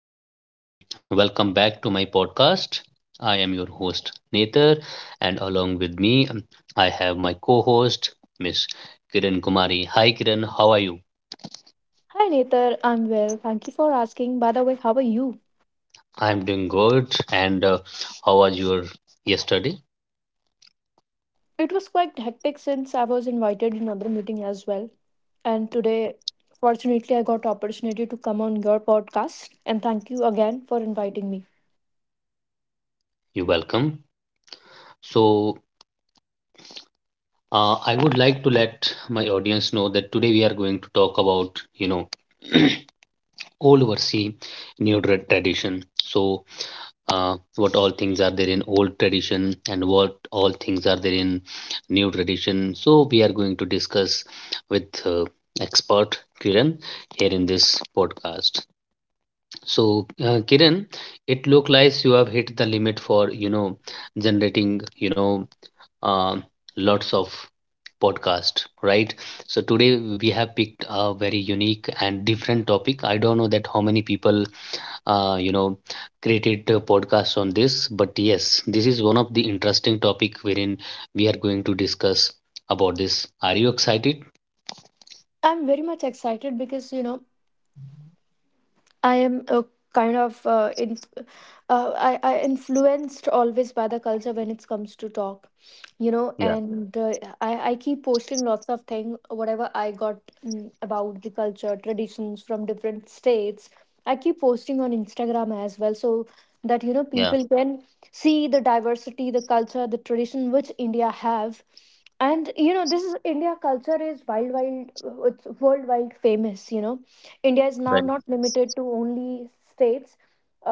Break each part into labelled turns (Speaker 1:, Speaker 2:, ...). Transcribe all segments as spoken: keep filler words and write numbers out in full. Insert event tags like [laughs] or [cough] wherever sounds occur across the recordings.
Speaker 1: morning, everyone. Welcome back to my podcast. I am your host, Nether, and along with me, um, I have my co host, Miss Kiran Kumari. Hi, Kiran, how are you?
Speaker 2: Hi Nether, I'm well. Thank you for asking. By the way, how are you?
Speaker 1: I'm doing good. And uh, how was your yesterday?
Speaker 2: It was quite hectic since I was invited in another meeting as well. And today, fortunately, I got opportunity to come on your podcast. And thank you again for inviting me.
Speaker 1: You're welcome. So, uh, I would like to let my audience know that today we are going to talk about, you know, [clears throat] old versus new tra- tradition. So, uh, what all things are there in old tradition and what all things are there in new tradition. So we are going to discuss with uh, expert Kiran here in this podcast. So uh, Kiran, it looks like you have hit the limit for you know generating you know uh, lots of podcast, right? So today we have picked a very unique and different topic. I don't know that how many people uh, you know created a podcast on this, but yes, this is one of the interesting topic wherein we are going to discuss about this. Are you excited?
Speaker 2: I'm very much excited because you know I am a kind of uh, inf- uh, I, I influenced always by the culture when it comes to talk, you know,
Speaker 1: Yeah,
Speaker 2: and uh, I, I keep posting lots of things, whatever I got mm, about the culture, traditions from different states. I keep posting on Instagram as well so that, you know,
Speaker 1: yeah,
Speaker 2: people can see the diversity, the culture, the tradition which India have. And you know this is india culture is wild wild uh, it's worldwide famous, you know. India is now
Speaker 1: right.
Speaker 2: not limited to only states,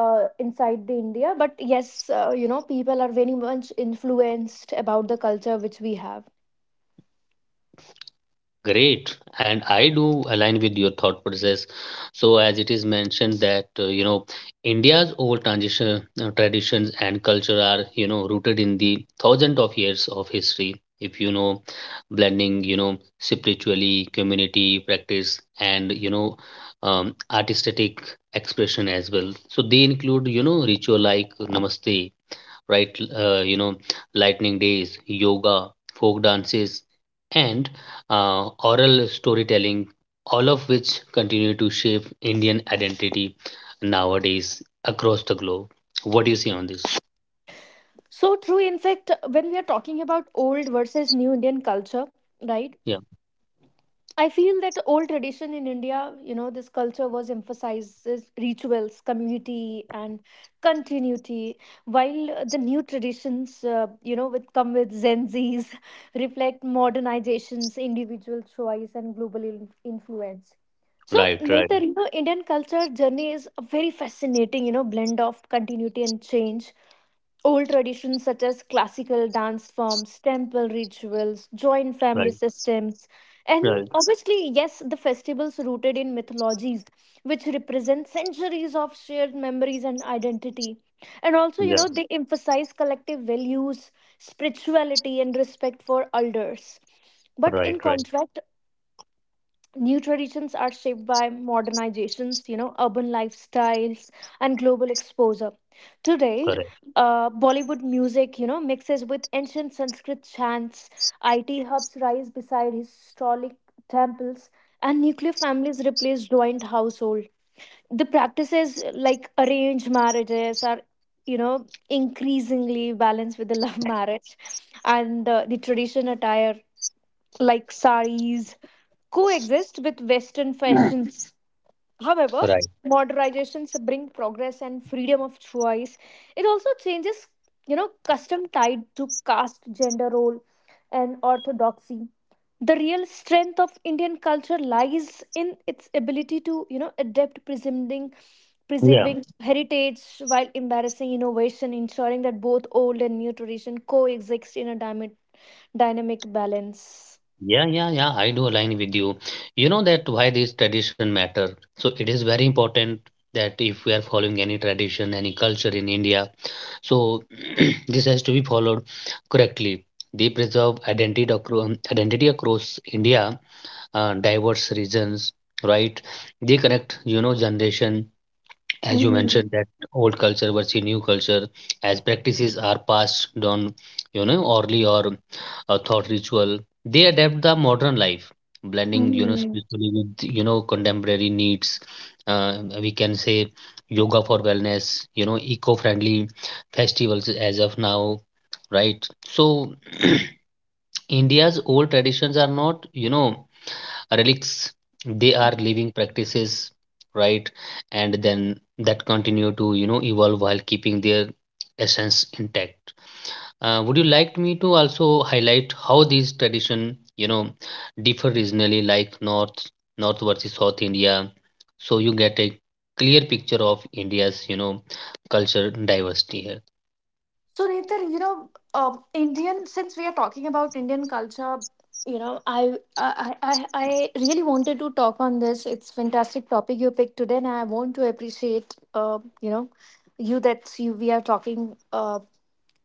Speaker 2: uh, inside the india. But yes, uh, you know, people are very much influenced about the culture which we have.
Speaker 1: Great, and I do align with your thought process. So, as it is mentioned that uh, you know India's old transition uh, traditions and culture are you know rooted in the thousands of years of history. If you know, blending you know spiritually, community practice, and you know um, artistic expression as well. So they include you know ritual like namaste, right? Uh, you know, lightning days, yoga, folk dances, and uh, oral storytelling, all of which continue to shape Indian identity nowadays across the globe. What do you see on this?
Speaker 2: So true. In fact, when we are talking about old versus new indian culture, right,
Speaker 1: Yeah,
Speaker 2: I feel that old tradition in India, you know, this culture was emphasizes rituals, community, and continuity, while uh, the new traditions, uh, you know, which come with Gen Zs, [laughs] reflect modernizations, individual choice, and global in- influence. So,
Speaker 1: right, right,
Speaker 2: Netar, you know, Indian culture journey is a very fascinating, you know, blend of continuity and change. Old traditions such as classical dance forms, temple rituals, joint family
Speaker 1: right,
Speaker 2: systems, and
Speaker 1: right.
Speaker 2: obviously, yes, the festivals rooted in mythologies, which represent centuries of shared memories and identity. And also, you
Speaker 1: Yeah,
Speaker 2: know, they emphasize collective values, spirituality, and respect for elders. But
Speaker 1: right,
Speaker 2: in
Speaker 1: right,
Speaker 2: contrast, new traditions are shaped by modernizations, you know, urban lifestyles, and global exposure. Today,
Speaker 1: correct,
Speaker 2: uh, Bollywood music, you know, mixes with ancient Sanskrit chants, I T hubs rise beside historic temples, and nuclear families replace joint household. The practices like arranged marriages are, you know, increasingly balanced with the [laughs] love marriage, and uh, the tradition attire like saris coexist with Western fashions. However,
Speaker 1: right.
Speaker 2: modernizations bring progress and freedom of choice. It also changes, you know, custom tied to caste, gender role, and orthodoxy. The real strength of Indian culture lies in its ability to, you know, adapt preserving,
Speaker 1: Yeah.
Speaker 2: preserving heritage while embarrassing innovation, ensuring that both old and new tradition coexist in a dyma- dynamic balance.
Speaker 1: Yeah, yeah, yeah, I do align with you. You know that why this tradition matter. So it is very important that if we are following any tradition, any culture in India, so [clears throat] this has to be followed correctly. They preserve identity across, identity across India, uh, diverse regions, right? They connect, you know, generation as you mentioned,
Speaker 2: Mhm.
Speaker 1: that old culture versus new culture, as practices are passed down, you know, orally or uh, thought ritual, they adapt the modern life, blending, you know,
Speaker 2: Mhm.
Speaker 1: spiritually with, you know, contemporary needs. Uh, we can say yoga for wellness, you know, eco-friendly festivals as of now, right? So, [clears throat] India's old traditions are not, you know, relics, they are living practices, right, and then that continue to you know evolve while keeping their essence intact. Uh, would you like me to also highlight how these tradition you know differ regionally, like north north versus south india, so you get a clear picture of india's you know culture diversity here?
Speaker 2: So, Netan, you know, uh, Indian. Since we are talking about Indian culture, you know, I, I I I I really wanted to talk on this. It's fantastic topic you picked today, and I want to appreciate, uh, you know, you that you we are talking. Uh,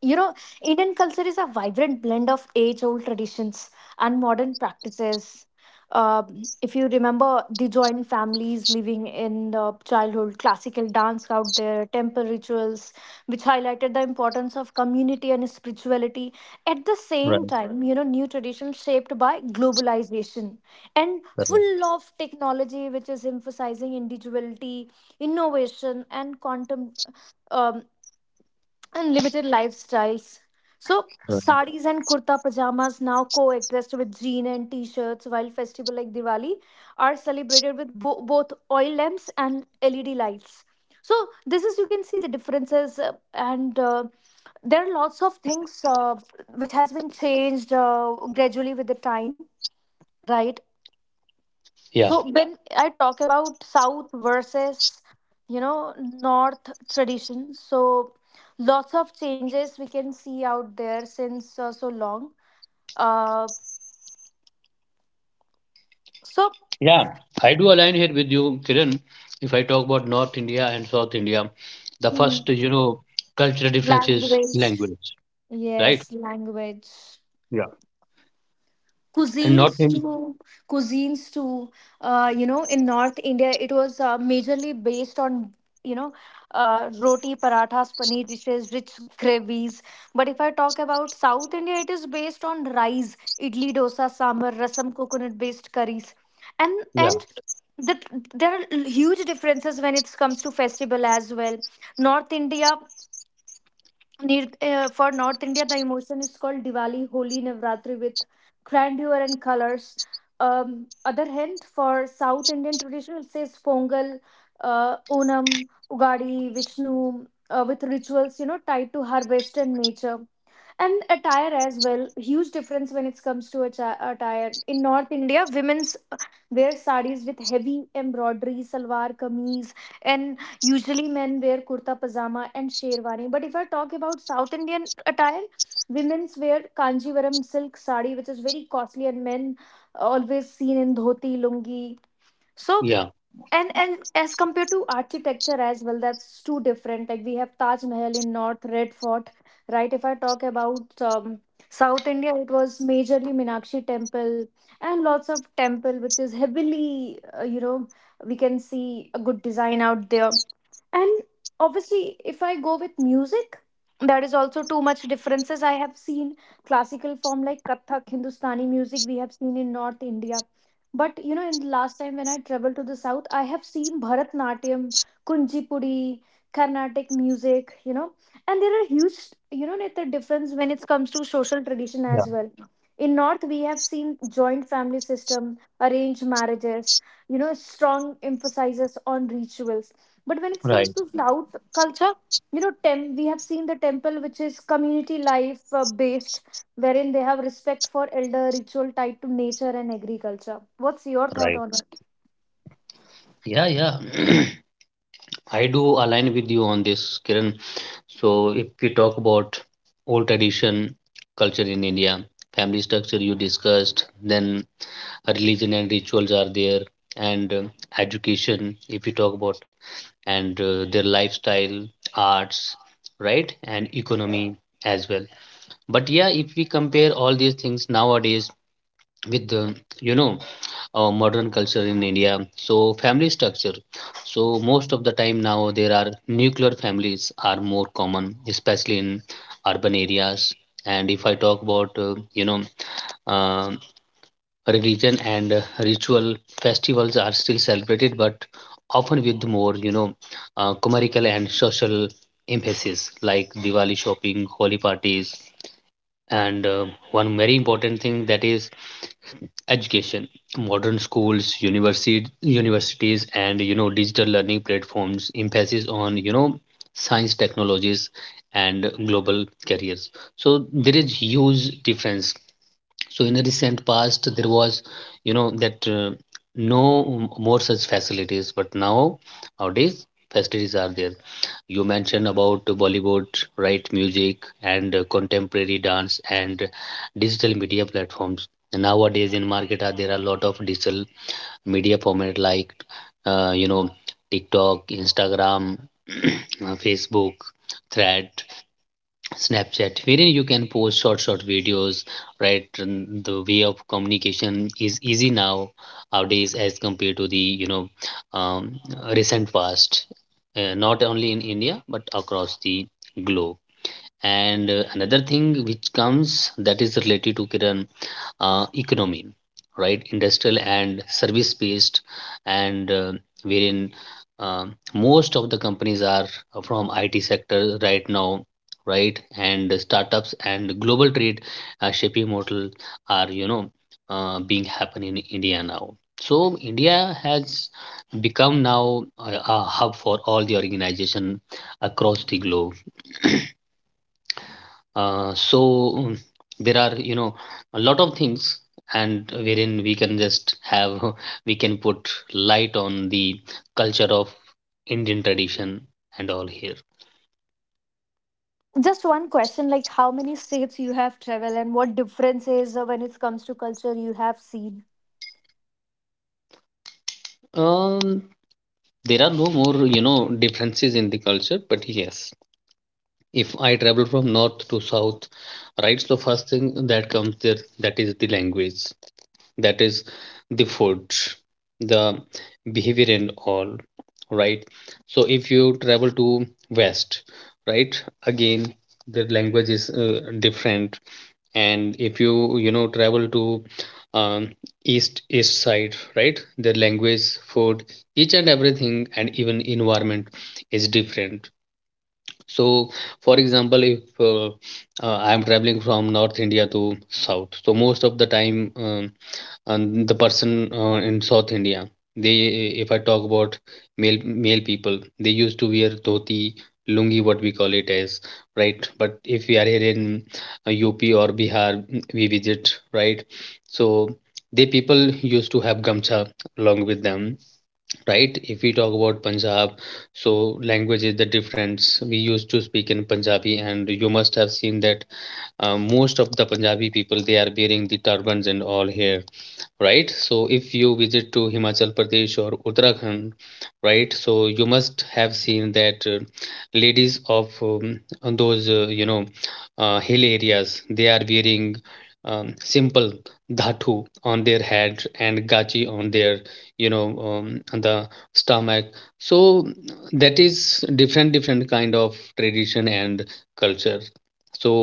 Speaker 2: you know, Indian culture is a vibrant blend of age old traditions and modern practices. Um, if you remember the joint families living in uh, childhood, classical dance out there, temple rituals, which highlighted the importance of community and spirituality. At the same
Speaker 1: Right,
Speaker 2: time, you know, new traditions shaped by globalization and
Speaker 1: correct,
Speaker 2: full of technology, which is emphasizing individuality, innovation, and quantum um, unlimited lifestyles. So,
Speaker 1: right.
Speaker 2: saris and kurta pajamas now coexist with jean and t shirts, while festival like Diwali are celebrated with bo- both oil lamps and L E D lights. So, this is you can see the differences, uh, and uh, there are lots of things uh, which has been changed uh, gradually with the time, right.
Speaker 1: Yeah.
Speaker 2: So when I talk about South versus, you know, North tradition, so lots of changes we can see out there since uh, so long. Uh, so
Speaker 1: Yeah, I do align here with you, Kiran. If I talk about North India and South India, the first,
Speaker 2: mm,
Speaker 1: you know, cultural difference is
Speaker 2: Language,
Speaker 1: language, right?
Speaker 2: yes, language,
Speaker 1: Yeah. And not
Speaker 2: cuisines
Speaker 1: in,
Speaker 2: too. Cuisines too uh, You know, in north india it was uh, majorly based on, you know, uh, roti parathas paneer dishes rich gravies. But if I talk about south india, it is based on rice, idli dosa sambar rasam coconut based curries. and
Speaker 1: yeah,
Speaker 2: and the, there are huge differences when it comes to festival as well. North india, near uh, for North India, the emotion is called Diwali, Holi, Navratri with grandeur and colors. Um, other hand, for South Indian tradition, it says Pongal, uh, Onam, Ugadi, Vishnu, uh, with rituals, you know, tied to harvest and nature. And attire as well, huge difference when it comes to atta- attire. In North India, women's wear sarees with heavy embroidery, salwar kameez, and usually, men wear kurta pajama and sherwani. But if I talk about South Indian attire, women's wear kanjivaram silk sari, which is very costly, and men always seen in dhoti, lungi. So,
Speaker 1: yeah,
Speaker 2: and and as compared to architecture as well, that's too different. Like we have Taj Mahal in North, Red Fort, right? If I talk about um, South India, it was majorly Minakshi Temple and lots of temple, which is heavily, uh, you know, we can see a good design out there. And obviously, if I go with music, there is also too much differences. I have seen classical form like Kathak, Hindustani music we have seen in North India. But you know, in the last time when I traveled to the south, I have seen Bharatnatyam, Kunchipudi, Carnatic music, you know, and there are huge, you know, the difference when it comes to social tradition
Speaker 1: yeah,
Speaker 2: as well. In North, we have seen joint family system, arranged marriages, you know, strong emphasizes on rituals. But when it
Speaker 1: right,
Speaker 2: comes to South culture, you know, tem- we have seen the temple, which is community life uh, based, wherein they have respect for elder ritual tied to nature and agriculture. What's your thought on
Speaker 1: right.
Speaker 2: it?
Speaker 1: Yeah, yeah. [clears throat] I do align with you on this, Kiran. So if we talk about old tradition, culture in India, family structure you discussed, then religion and rituals are there, and uh, education. If we talk about and uh, their lifestyle, arts, right, and economy as well. But yeah, if we compare all these things nowadays with the you know our modern culture in India, so family structure. So most of the time now there are nuclear families are more common, especially in urban areas. And if I talk about uh, you know uh, religion and uh, ritual, festivals are still celebrated but often with more you know uh, commercial and social emphasis, like diwali shopping, Holi parties, and uh, one very important thing, that is education. Modern schools, university universities, and you know digital learning platforms emphasis on you know science technologies and global careers. So there is huge difference. So in the recent past, there was, you know, that uh, no more such facilities, but now nowadays facilities are there. You mentioned about Bollywood, right? Music and uh, contemporary dance and digital media platforms. Nowadays in market, are there are a lot of digital media format like, uh, you know, TikTok, Instagram, [clears throat] uh, Facebook, Thread, snapchat, wherein you can post short short videos, right? And the way of communication is easy now nowadays as compared to the you know um, recent past, uh, not only in india but across the globe. And uh, another thing which comes that is related to kiran, uh, economy, right? Industrial and service based, and uh, wherein um most of the companies are from I T sector right now, right? And startups and global trade uh, shaping model are you know uh, being happen in India now. So India has become now a, a hub for all the organization across the globe. Uh, so mm, there are you know a lot of things and wherein we can just have [laughs] we can put light on the culture of Indian tradition and all here.
Speaker 2: So, just one question, like, how many states you have traveled and what differences uh, when it comes to culture you have seen?
Speaker 1: Um, there are no more you know differences in the culture, but yes, if I travel from north to south, right? So first thing that comes there, that is the language. That is the food, the behavior and all, right? So if you travel to west, right, again the language is uh, different. And if you you know travel to um, east east side, right, the language, food, each and everything and even environment is different. So for example if uh, uh, I am traveling from north india to south, so most of the time, um, and the person uh, in South India. They, if I talk about male male people, they used to wear dhoti, lungi, what we call it as, right? But if we are here in uh, U P or Bihar, mm, we visit, right? So they people used to have gamcha along with them, right? If we talk about Punjab, so language is the difference. We used to speak in Punjabi, and you must have seen that uh, most of the Punjabi people they are wearing the turbans and all here, right? So if you visit to Himachal Pradesh or Uttarakhand, right? So you must have seen that uh, ladies of um, on those uh, you know uh, hill areas they are wearing um, simple dhatu on their head and gachi on their you know um, on the stomach. So that is different different kind of tradition and culture. So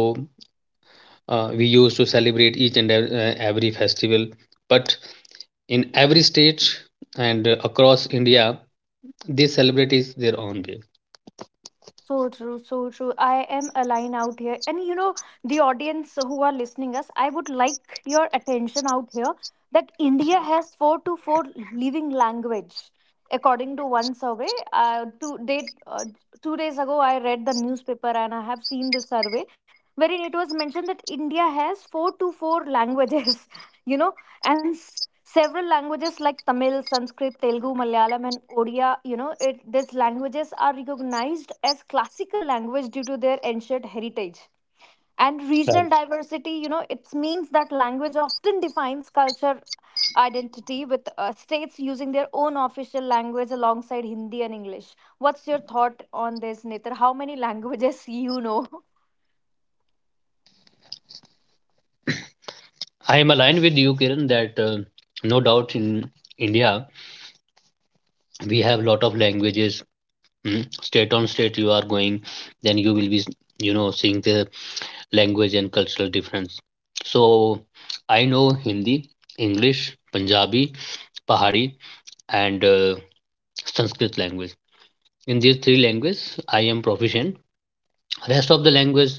Speaker 1: uh, we used to celebrate each and ev- uh, every festival, but in every state and uh, across India, they celebrate is their own way.
Speaker 2: So true, so true. I am aligned out here. And you know, the audience who are listening us, I would like your attention out here that India has four to four living language. According to one survey, uh, two, day, uh, two days ago, I read the newspaper and I have seen the survey wherein it was mentioned that India has four to four languages, [laughs] you know, and s- several languages like tamil sanskrit telugu malayalam and odia. You know it, these languages are recognized as classical language due to their ancient heritage and regional
Speaker 1: Right.
Speaker 2: diversity. You know, it means that language often defines culture identity with uh, states using their own official language alongside hindi and english. What's your thought on this, Netar? How many [laughs] languages you know.
Speaker 1: I am aligned with you, Kiran, that uh, no doubt in India we have lot of languages. mm, State on state you are going, then you will be, you know, seeing the language and cultural difference. So I know Hindi, English, Punjabi, Pahari, and uh, Sanskrit language. In these three languages, I am proficient. Rest of the language,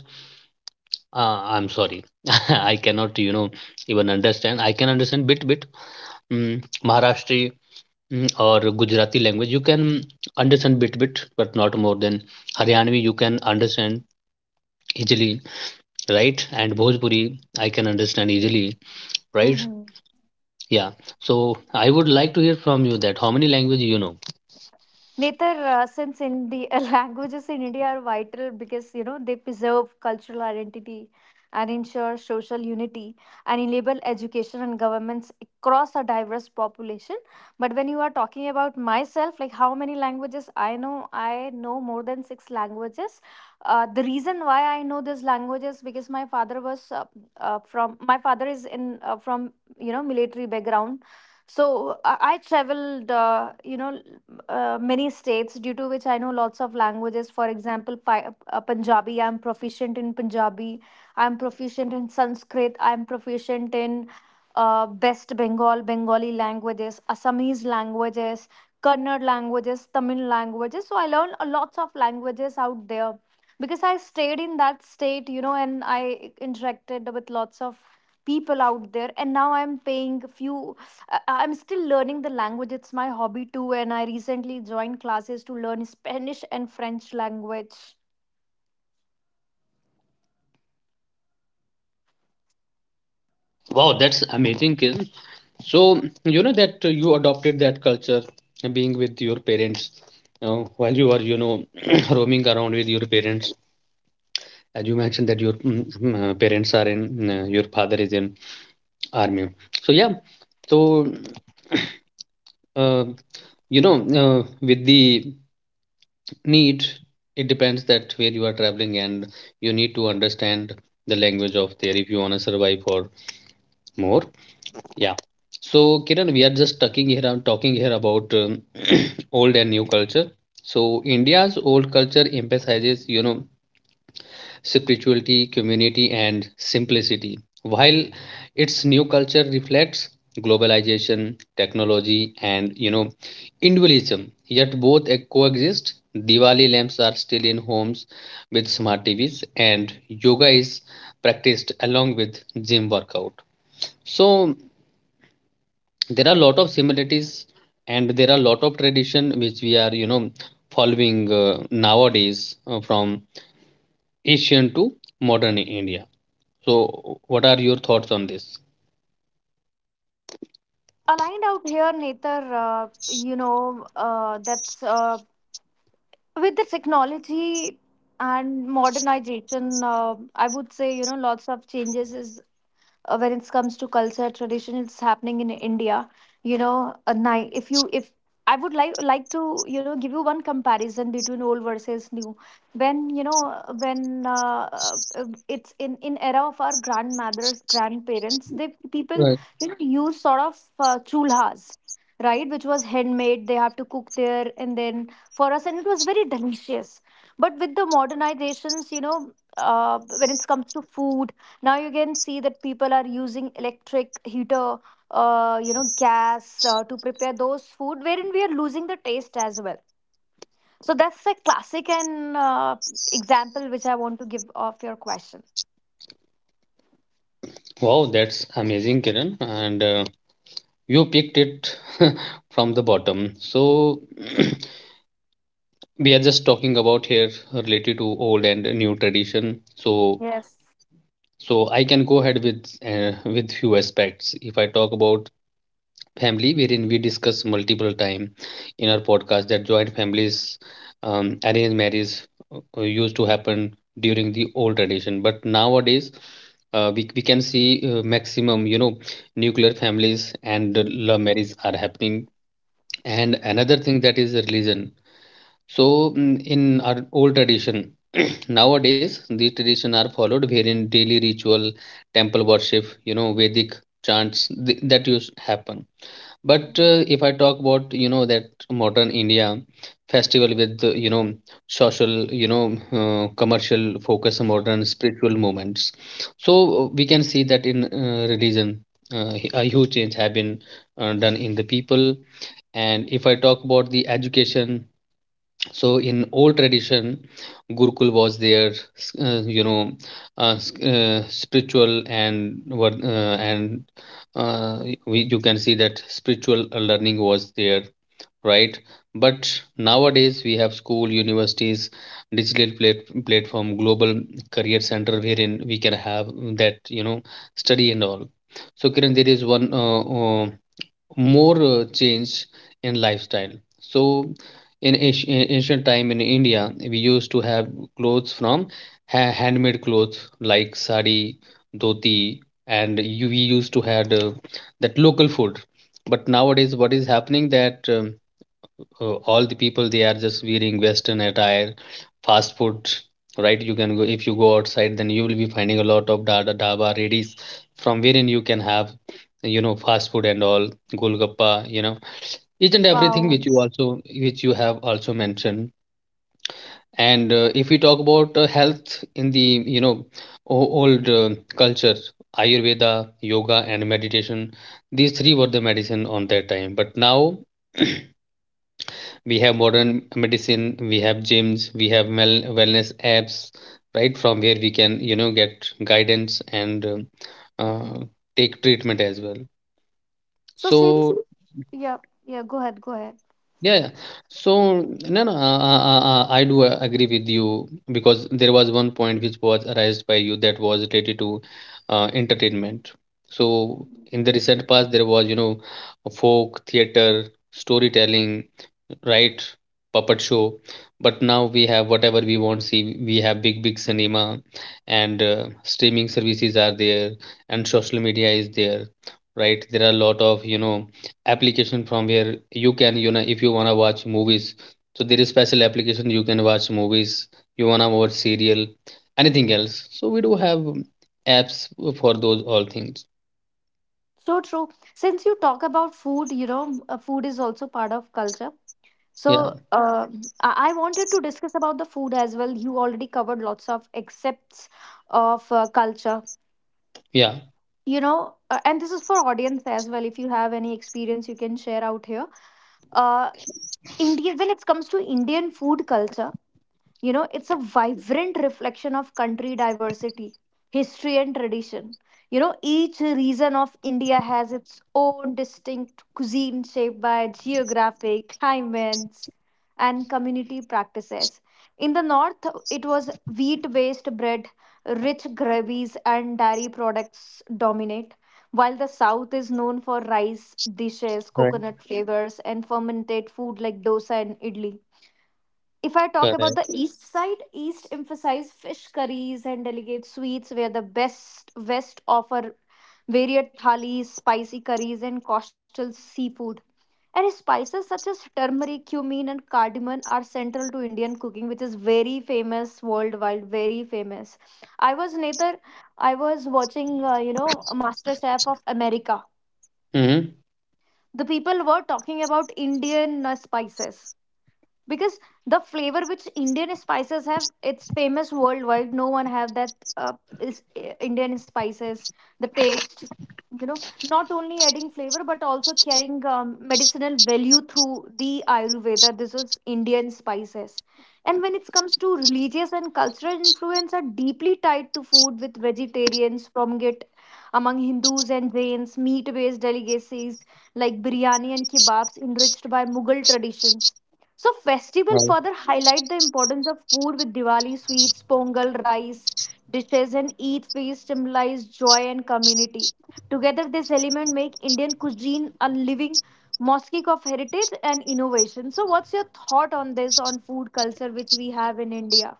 Speaker 1: Uh, I'm sorry. [laughs] I cannot, you know, even understand. I can understand bit bit mm, Maharashtra, mm, or Gujarati language. You can understand bit bit, but not more than Haryanvi. You can understand easily, right? And Bhojpuri, I can understand easily, right?
Speaker 2: [laughs]
Speaker 1: Yeah. So I would like to hear from you that how many languages you know.
Speaker 2: Neither, uh, since in the [laughs] languages in India are vital because you know they preserve cultural identity and ensure social unity and enable education and governments across a diverse population. But when you are talking about myself, like how many languages I know, I know more than six languages. Uh, the reason why I know these languages because my father was uh, uh, from my father is in, uh, from you know, military background. So I, I traveled, uh, you know, uh, many states due to which I know lots of languages. For example, Pi- uh, Punjabi. I'm proficient in Punjabi. I'm proficient in Sanskrit. I'm proficient in uh, West Bengal, Bengali languages, Assamese languages, Kannada languages, Tamil languages. So I learned a lots of languages out there because I stayed in that state, you know, and I interacted with lots of people out there. And now I'm paying few. I- I'm still learning the language. It's my hobby too, and I recently joined classes to learn Spanish and French language.
Speaker 1: Wow, that's amazing, Kiran. So you know that you adopted that culture, being with your parents, uh, while you are you know [clears throat] roaming around with your parents. As you mentioned that your mm, mm, uh, parents are in, uh, your father is in army. So yeah, so uh, you know uh, with the need, it depends that where you are traveling and you need to understand the language of there if you wanna survive or more. Yeah. So, Kiran, we are just talking here, I'm talking here about um, [clears throat] old and new culture. So, India's old culture emphasizes, you know, spirituality, community, and simplicity, while its new culture reflects globalization, technology, and, you know, individualism. Yet both uh, coexist. Diwali lamps are still in homes with smart T Vs, and yoga is practiced along with gym workout. So, there are a lot of similarities and there are a lot of tradition which we are you know following uh, nowadays uh, from ancient to modern india. So what are your thoughts on this?
Speaker 2: Aligned out here, Nether, uh, you know, uh, that's uh, with the technology and modernization, uh, I would say, you know, lots of changes is uh, when it comes to culture tradition it's happening in india. You know, a night if you if I would like like to, you know, give you one comparison between old versus new. When, you know, uh, when uh, uh, it's in in era of our grandmothers grandparents, they people,
Speaker 1: Right.
Speaker 2: you know, use sort of uh, chulhas, right, which was handmade. They have to cook there and then for us, and it was very delicious. But with the modernizations, you know, uh, when it comes to food, now you can see that people are using electric heater, uh, you know, gas uh, to prepare those food, wherein we are losing the taste as well. So that's a classic and, uh, example which I want to give of your question.
Speaker 1: Wow, that's amazing, Kiran. And uh, you picked it [laughs] from the bottom. So [clears throat] we are just talking about here related to old and new tradition. So
Speaker 2: Yes.
Speaker 1: so I can go ahead with uh, with few aspects. If I talk about family, wherein we discuss multiple time in our podcast, that joint families, um, arranged marriage uh, used to happen during the old tradition, but nowadays uh, we, we can see uh, maximum, you know, nuclear families, and uh, love marriage are happening. And another thing that is religion. So mm, in our old tradition, [clears throat] nowadays these tradition are followed, wherein daily ritual, temple worship, you know, vedic chants th- that used to happen. But
Speaker 2: Mm.
Speaker 1: uh, if I talk about, you know, that modern India, festival with uh, you know, social, you know, uh, commercial focus on modern spiritual movements, so uh, we can see that in uh, religion, uh, h- a huge change have been uh, done in the people. And if I talk about the education, so in old tradition, gurukul was their, uh, you know, uh, s- uh, spiritual and what uh, and uh, we, you can see that spiritual uh, learning was there, right? But nowadays we have school, universities, digital plat- platform, global career center, wherein we can have that, you know, study and all. So Kiran, there is one uh, uh, more uh, change in lifestyle. So in ancient, ancient time in India, we used to have clothes from ha- handmade clothes, like sari, dhoti, and you, we used to had uh, that local food. But nowadays, what is happening, that um, uh, all the people, they are just wearing western attire, fast food. Right, you can go, if you go outside, then you will be finding a lot of dada dhaba redis, from wherein you can have, you know, fast food and all, golgappa, you know, each and everything
Speaker 2: Wow.
Speaker 1: which you also, which you have also mentioned. And uh, if we talk about uh, health in the, you know, o- old uh, culture, ayurveda, yoga and meditation, these three were the medicine on that time. But now [clears throat] we have modern medicine, we have gyms, we have mel- wellness apps, right, from where we can, you know, get guidance, and um, uh, take treatment as well.
Speaker 2: So seriously.
Speaker 1: So
Speaker 2: Yeah, yeah, go ahead, go ahead.
Speaker 1: yeah, yeah. So no no uh, uh, uh, uh, I do uh, agree with you, because there was one point which was raised by you, that was related to uh, entertainment. So in the recent past, there was, you know, folk theater, storytelling, right, puppet show. But now we have whatever we want. See, we have big big cinema, and uh, streaming services are there, and social media is there. Right, there are a lot of, you know, application from where you can, you know, if you want to watch movies, so there is special application, you can watch movies. You want to watch serial, anything else, so we do have um, apps for those all things.
Speaker 2: So true. Since you talk about food, you know, m- uh, food is also part of culture.
Speaker 1: Yeah,
Speaker 2: So uh, I-, I wanted to discuss about the food as well. You already covered lots of accepts of uh, culture.
Speaker 1: yeah.
Speaker 2: You know, uh, and this is for audience as well. If you have any experience, you can share out here. Uh, Indian, when it comes to Indian food culture, you know, it's a vibrant reflection of country diversity, history, and tradition. You know, each region of India has its own distinct cuisine shaped by geographic climates and community practices. In the north, it was wheat based bread, rich gravies, and dairy products dominate, while the south is known for rice dishes,
Speaker 1: Right.
Speaker 2: coconut flavors, and fermented food like dosa and idli. If I talk about the
Speaker 1: Correct.
Speaker 2: east side, east emphasize fish curries and delicate sweets, where the best west offer varied thalis, spicy curries, and coastal seafood. And spices such as turmeric, cumin, and cardamom are central to Indian cooking, which is very famous worldwide. Very famous. I was neither. I was watching, uh, you know, Master Chef of America.
Speaker 1: Mm-hmm.
Speaker 2: The people were talking about Indian uh, spices because the flavor which indian spices have, it's famous worldwide. No one have that uh, is uh, indian spices, the taste, you know, not only adding flavor but also carrying um, medicinal value through the ayurveda. This is indian spices. And when it comes to religious and cultural influence are deeply tied to food with vegetarians promulgate among hindus and jains, meat based delicacies like biryani and kebabs enriched by mughal traditions. So festival further highlight the importance of food with Diwali sweets, Pongal, rice dishes, and Eid feast symbolize joy and community. Together, this element make Indian cuisine a living mosaic of heritage and innovation. So, what's your thought on this, on food culture which we have in India?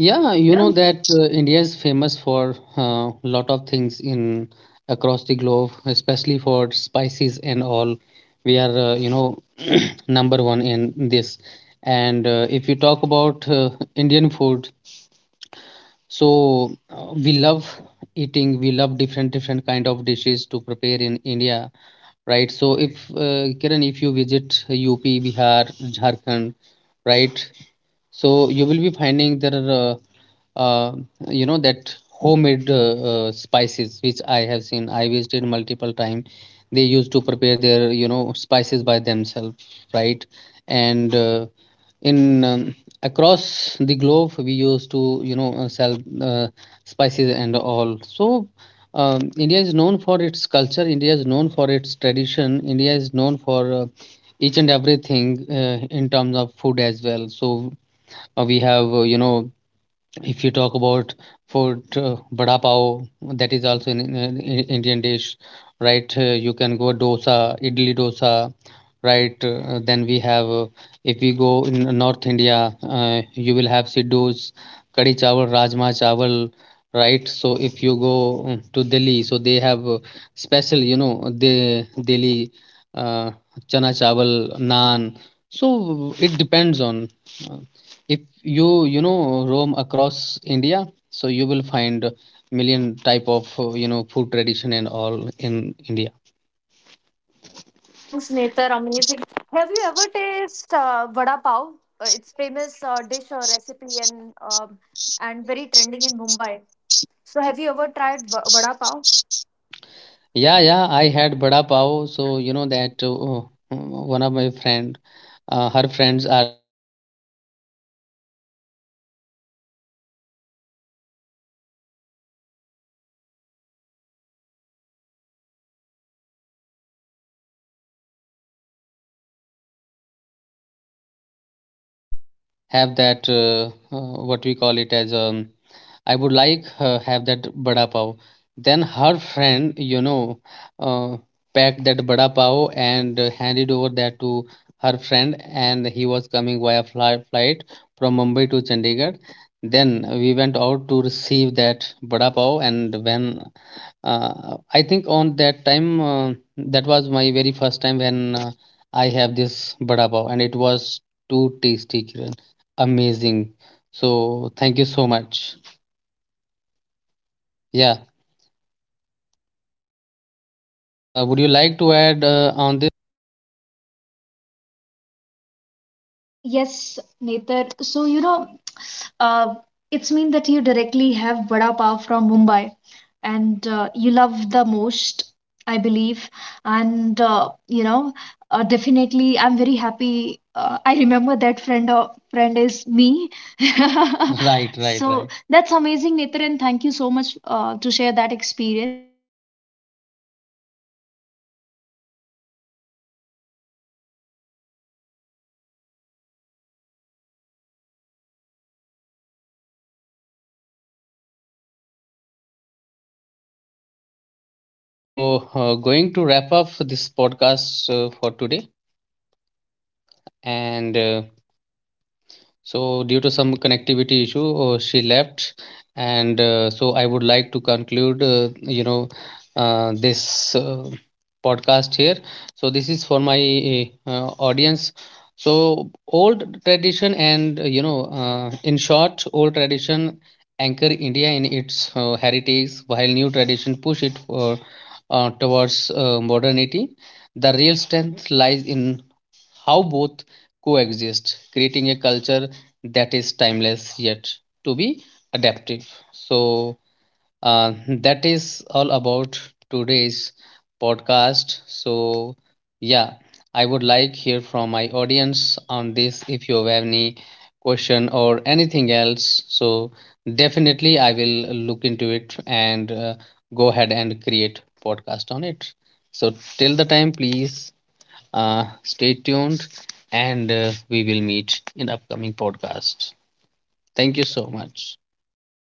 Speaker 1: Yeah, you know that uh, India is famous for a lot of things in across the globe, especially for spices and all. We are, uh, you know, [clears throat] number one in this. And uh, if you talk about uh, Indian food, so uh, we love eating, we love different different kind of dishes to prepare in India, right? So if uh, Kiran, if you visit up Bihar, Jharkhand, right, so you will be finding there are uh, uh, you know, that homemade uh, uh, spices, which I have seen, I visited multiple time. They used to prepare their, you know, spices by themselves, right? And uh, in um, across the globe, we used to, you know, uh, sell uh, spices and all. So um, India is known for its culture, India is known for its tradition, India is known for uh, each and everything uh, in terms of food as well. So uh, we have uh, you know, if you talk about food, uh, vada pav, that is also an, an Indian dish, right? Uh, you can go dosa, idli dosa, right? Uh, then we have, uh, if we go in North India, uh, you will have siddhus, kadi chawal, rajma chawal, right? So if you go uh, to Delhi, so they have uh, special, you know, the Delhi uh, chana chawal, naan. So it depends on. uh, if you you know, roam across India, so you will find million type of uh, you know, food tradition and all in India.
Speaker 2: Thanks, Netar. Amazing. Have you ever tasted uh, vada pav? Uh, it's famous uh, dish or recipe, and um, and very trending in Mumbai. So, have you ever tried va- vada pav?
Speaker 1: Yeah, yeah, I had bada pav. So you know that uh, one of my friend, uh, her friends are uh, there in Mumbai, and one of them was coming to, you know, Chandigarh. So uh, then my friend told to that uh, person that uh, you know, that uh, I would like to, you know, have that uh, uh, what we call it as, um, I would like uh, have that bada pav. Then her friend, you know, uh, packed that bada pav and uh, handed over that to her friend, and he was coming via fly- flight from Mumbai to Chandigarh. Then we went out to receive that bada pav, and when uh, I think on that time, uh, that was my very first time when uh, I have this vada pav, and it was too tasty, Kiran. Amazing. So thank you so much. Yeah, uh, would you like to add uh, on this? Yes, Netar. So, you know, Uh, it's mean that you directly have vada pav from Mumbai, and uh, you love the most, I believe. And uh, you know, uh, definitely, I'm very happy. Uh, I remember that friend. Uh, friend is me. [laughs] Right, right, so right. That's amazing, Nitran. Thank you so much uh, to share that experience. Um, I think I'm running uh, late today. Uh, I have to go, but thank you so much for calling me today in your podcast. Yeah, yeah, you are welcome, Kiran. You are always welcome on my podcast. I think there was some connectivity issue. So, uh, going to wrap up this podcast uh, for today. And uh, so, due to some connectivity issue, uh, she left, and uh, so I would like to conclude, uh, you know, uh, this uh, podcast here. So, this is for my uh, audience. So, old tradition and uh, you know, uh, in short, old tradition anchor India in its uh, heritage, while new tradition push it for, uh, towards uh, modernity. The real strength lies in how both coexist, creating a culture that is timeless yet to be adaptive. So, uh, that is all about today's podcast. So, yeah, I would like hear from my audience on this if you have any question or anything else. So, definitely I will look into it, and uh, go ahead and create podcast on it. So, till the time, please uh, stay tuned, and uh, we will meet in upcoming podcasts. Thank you so much.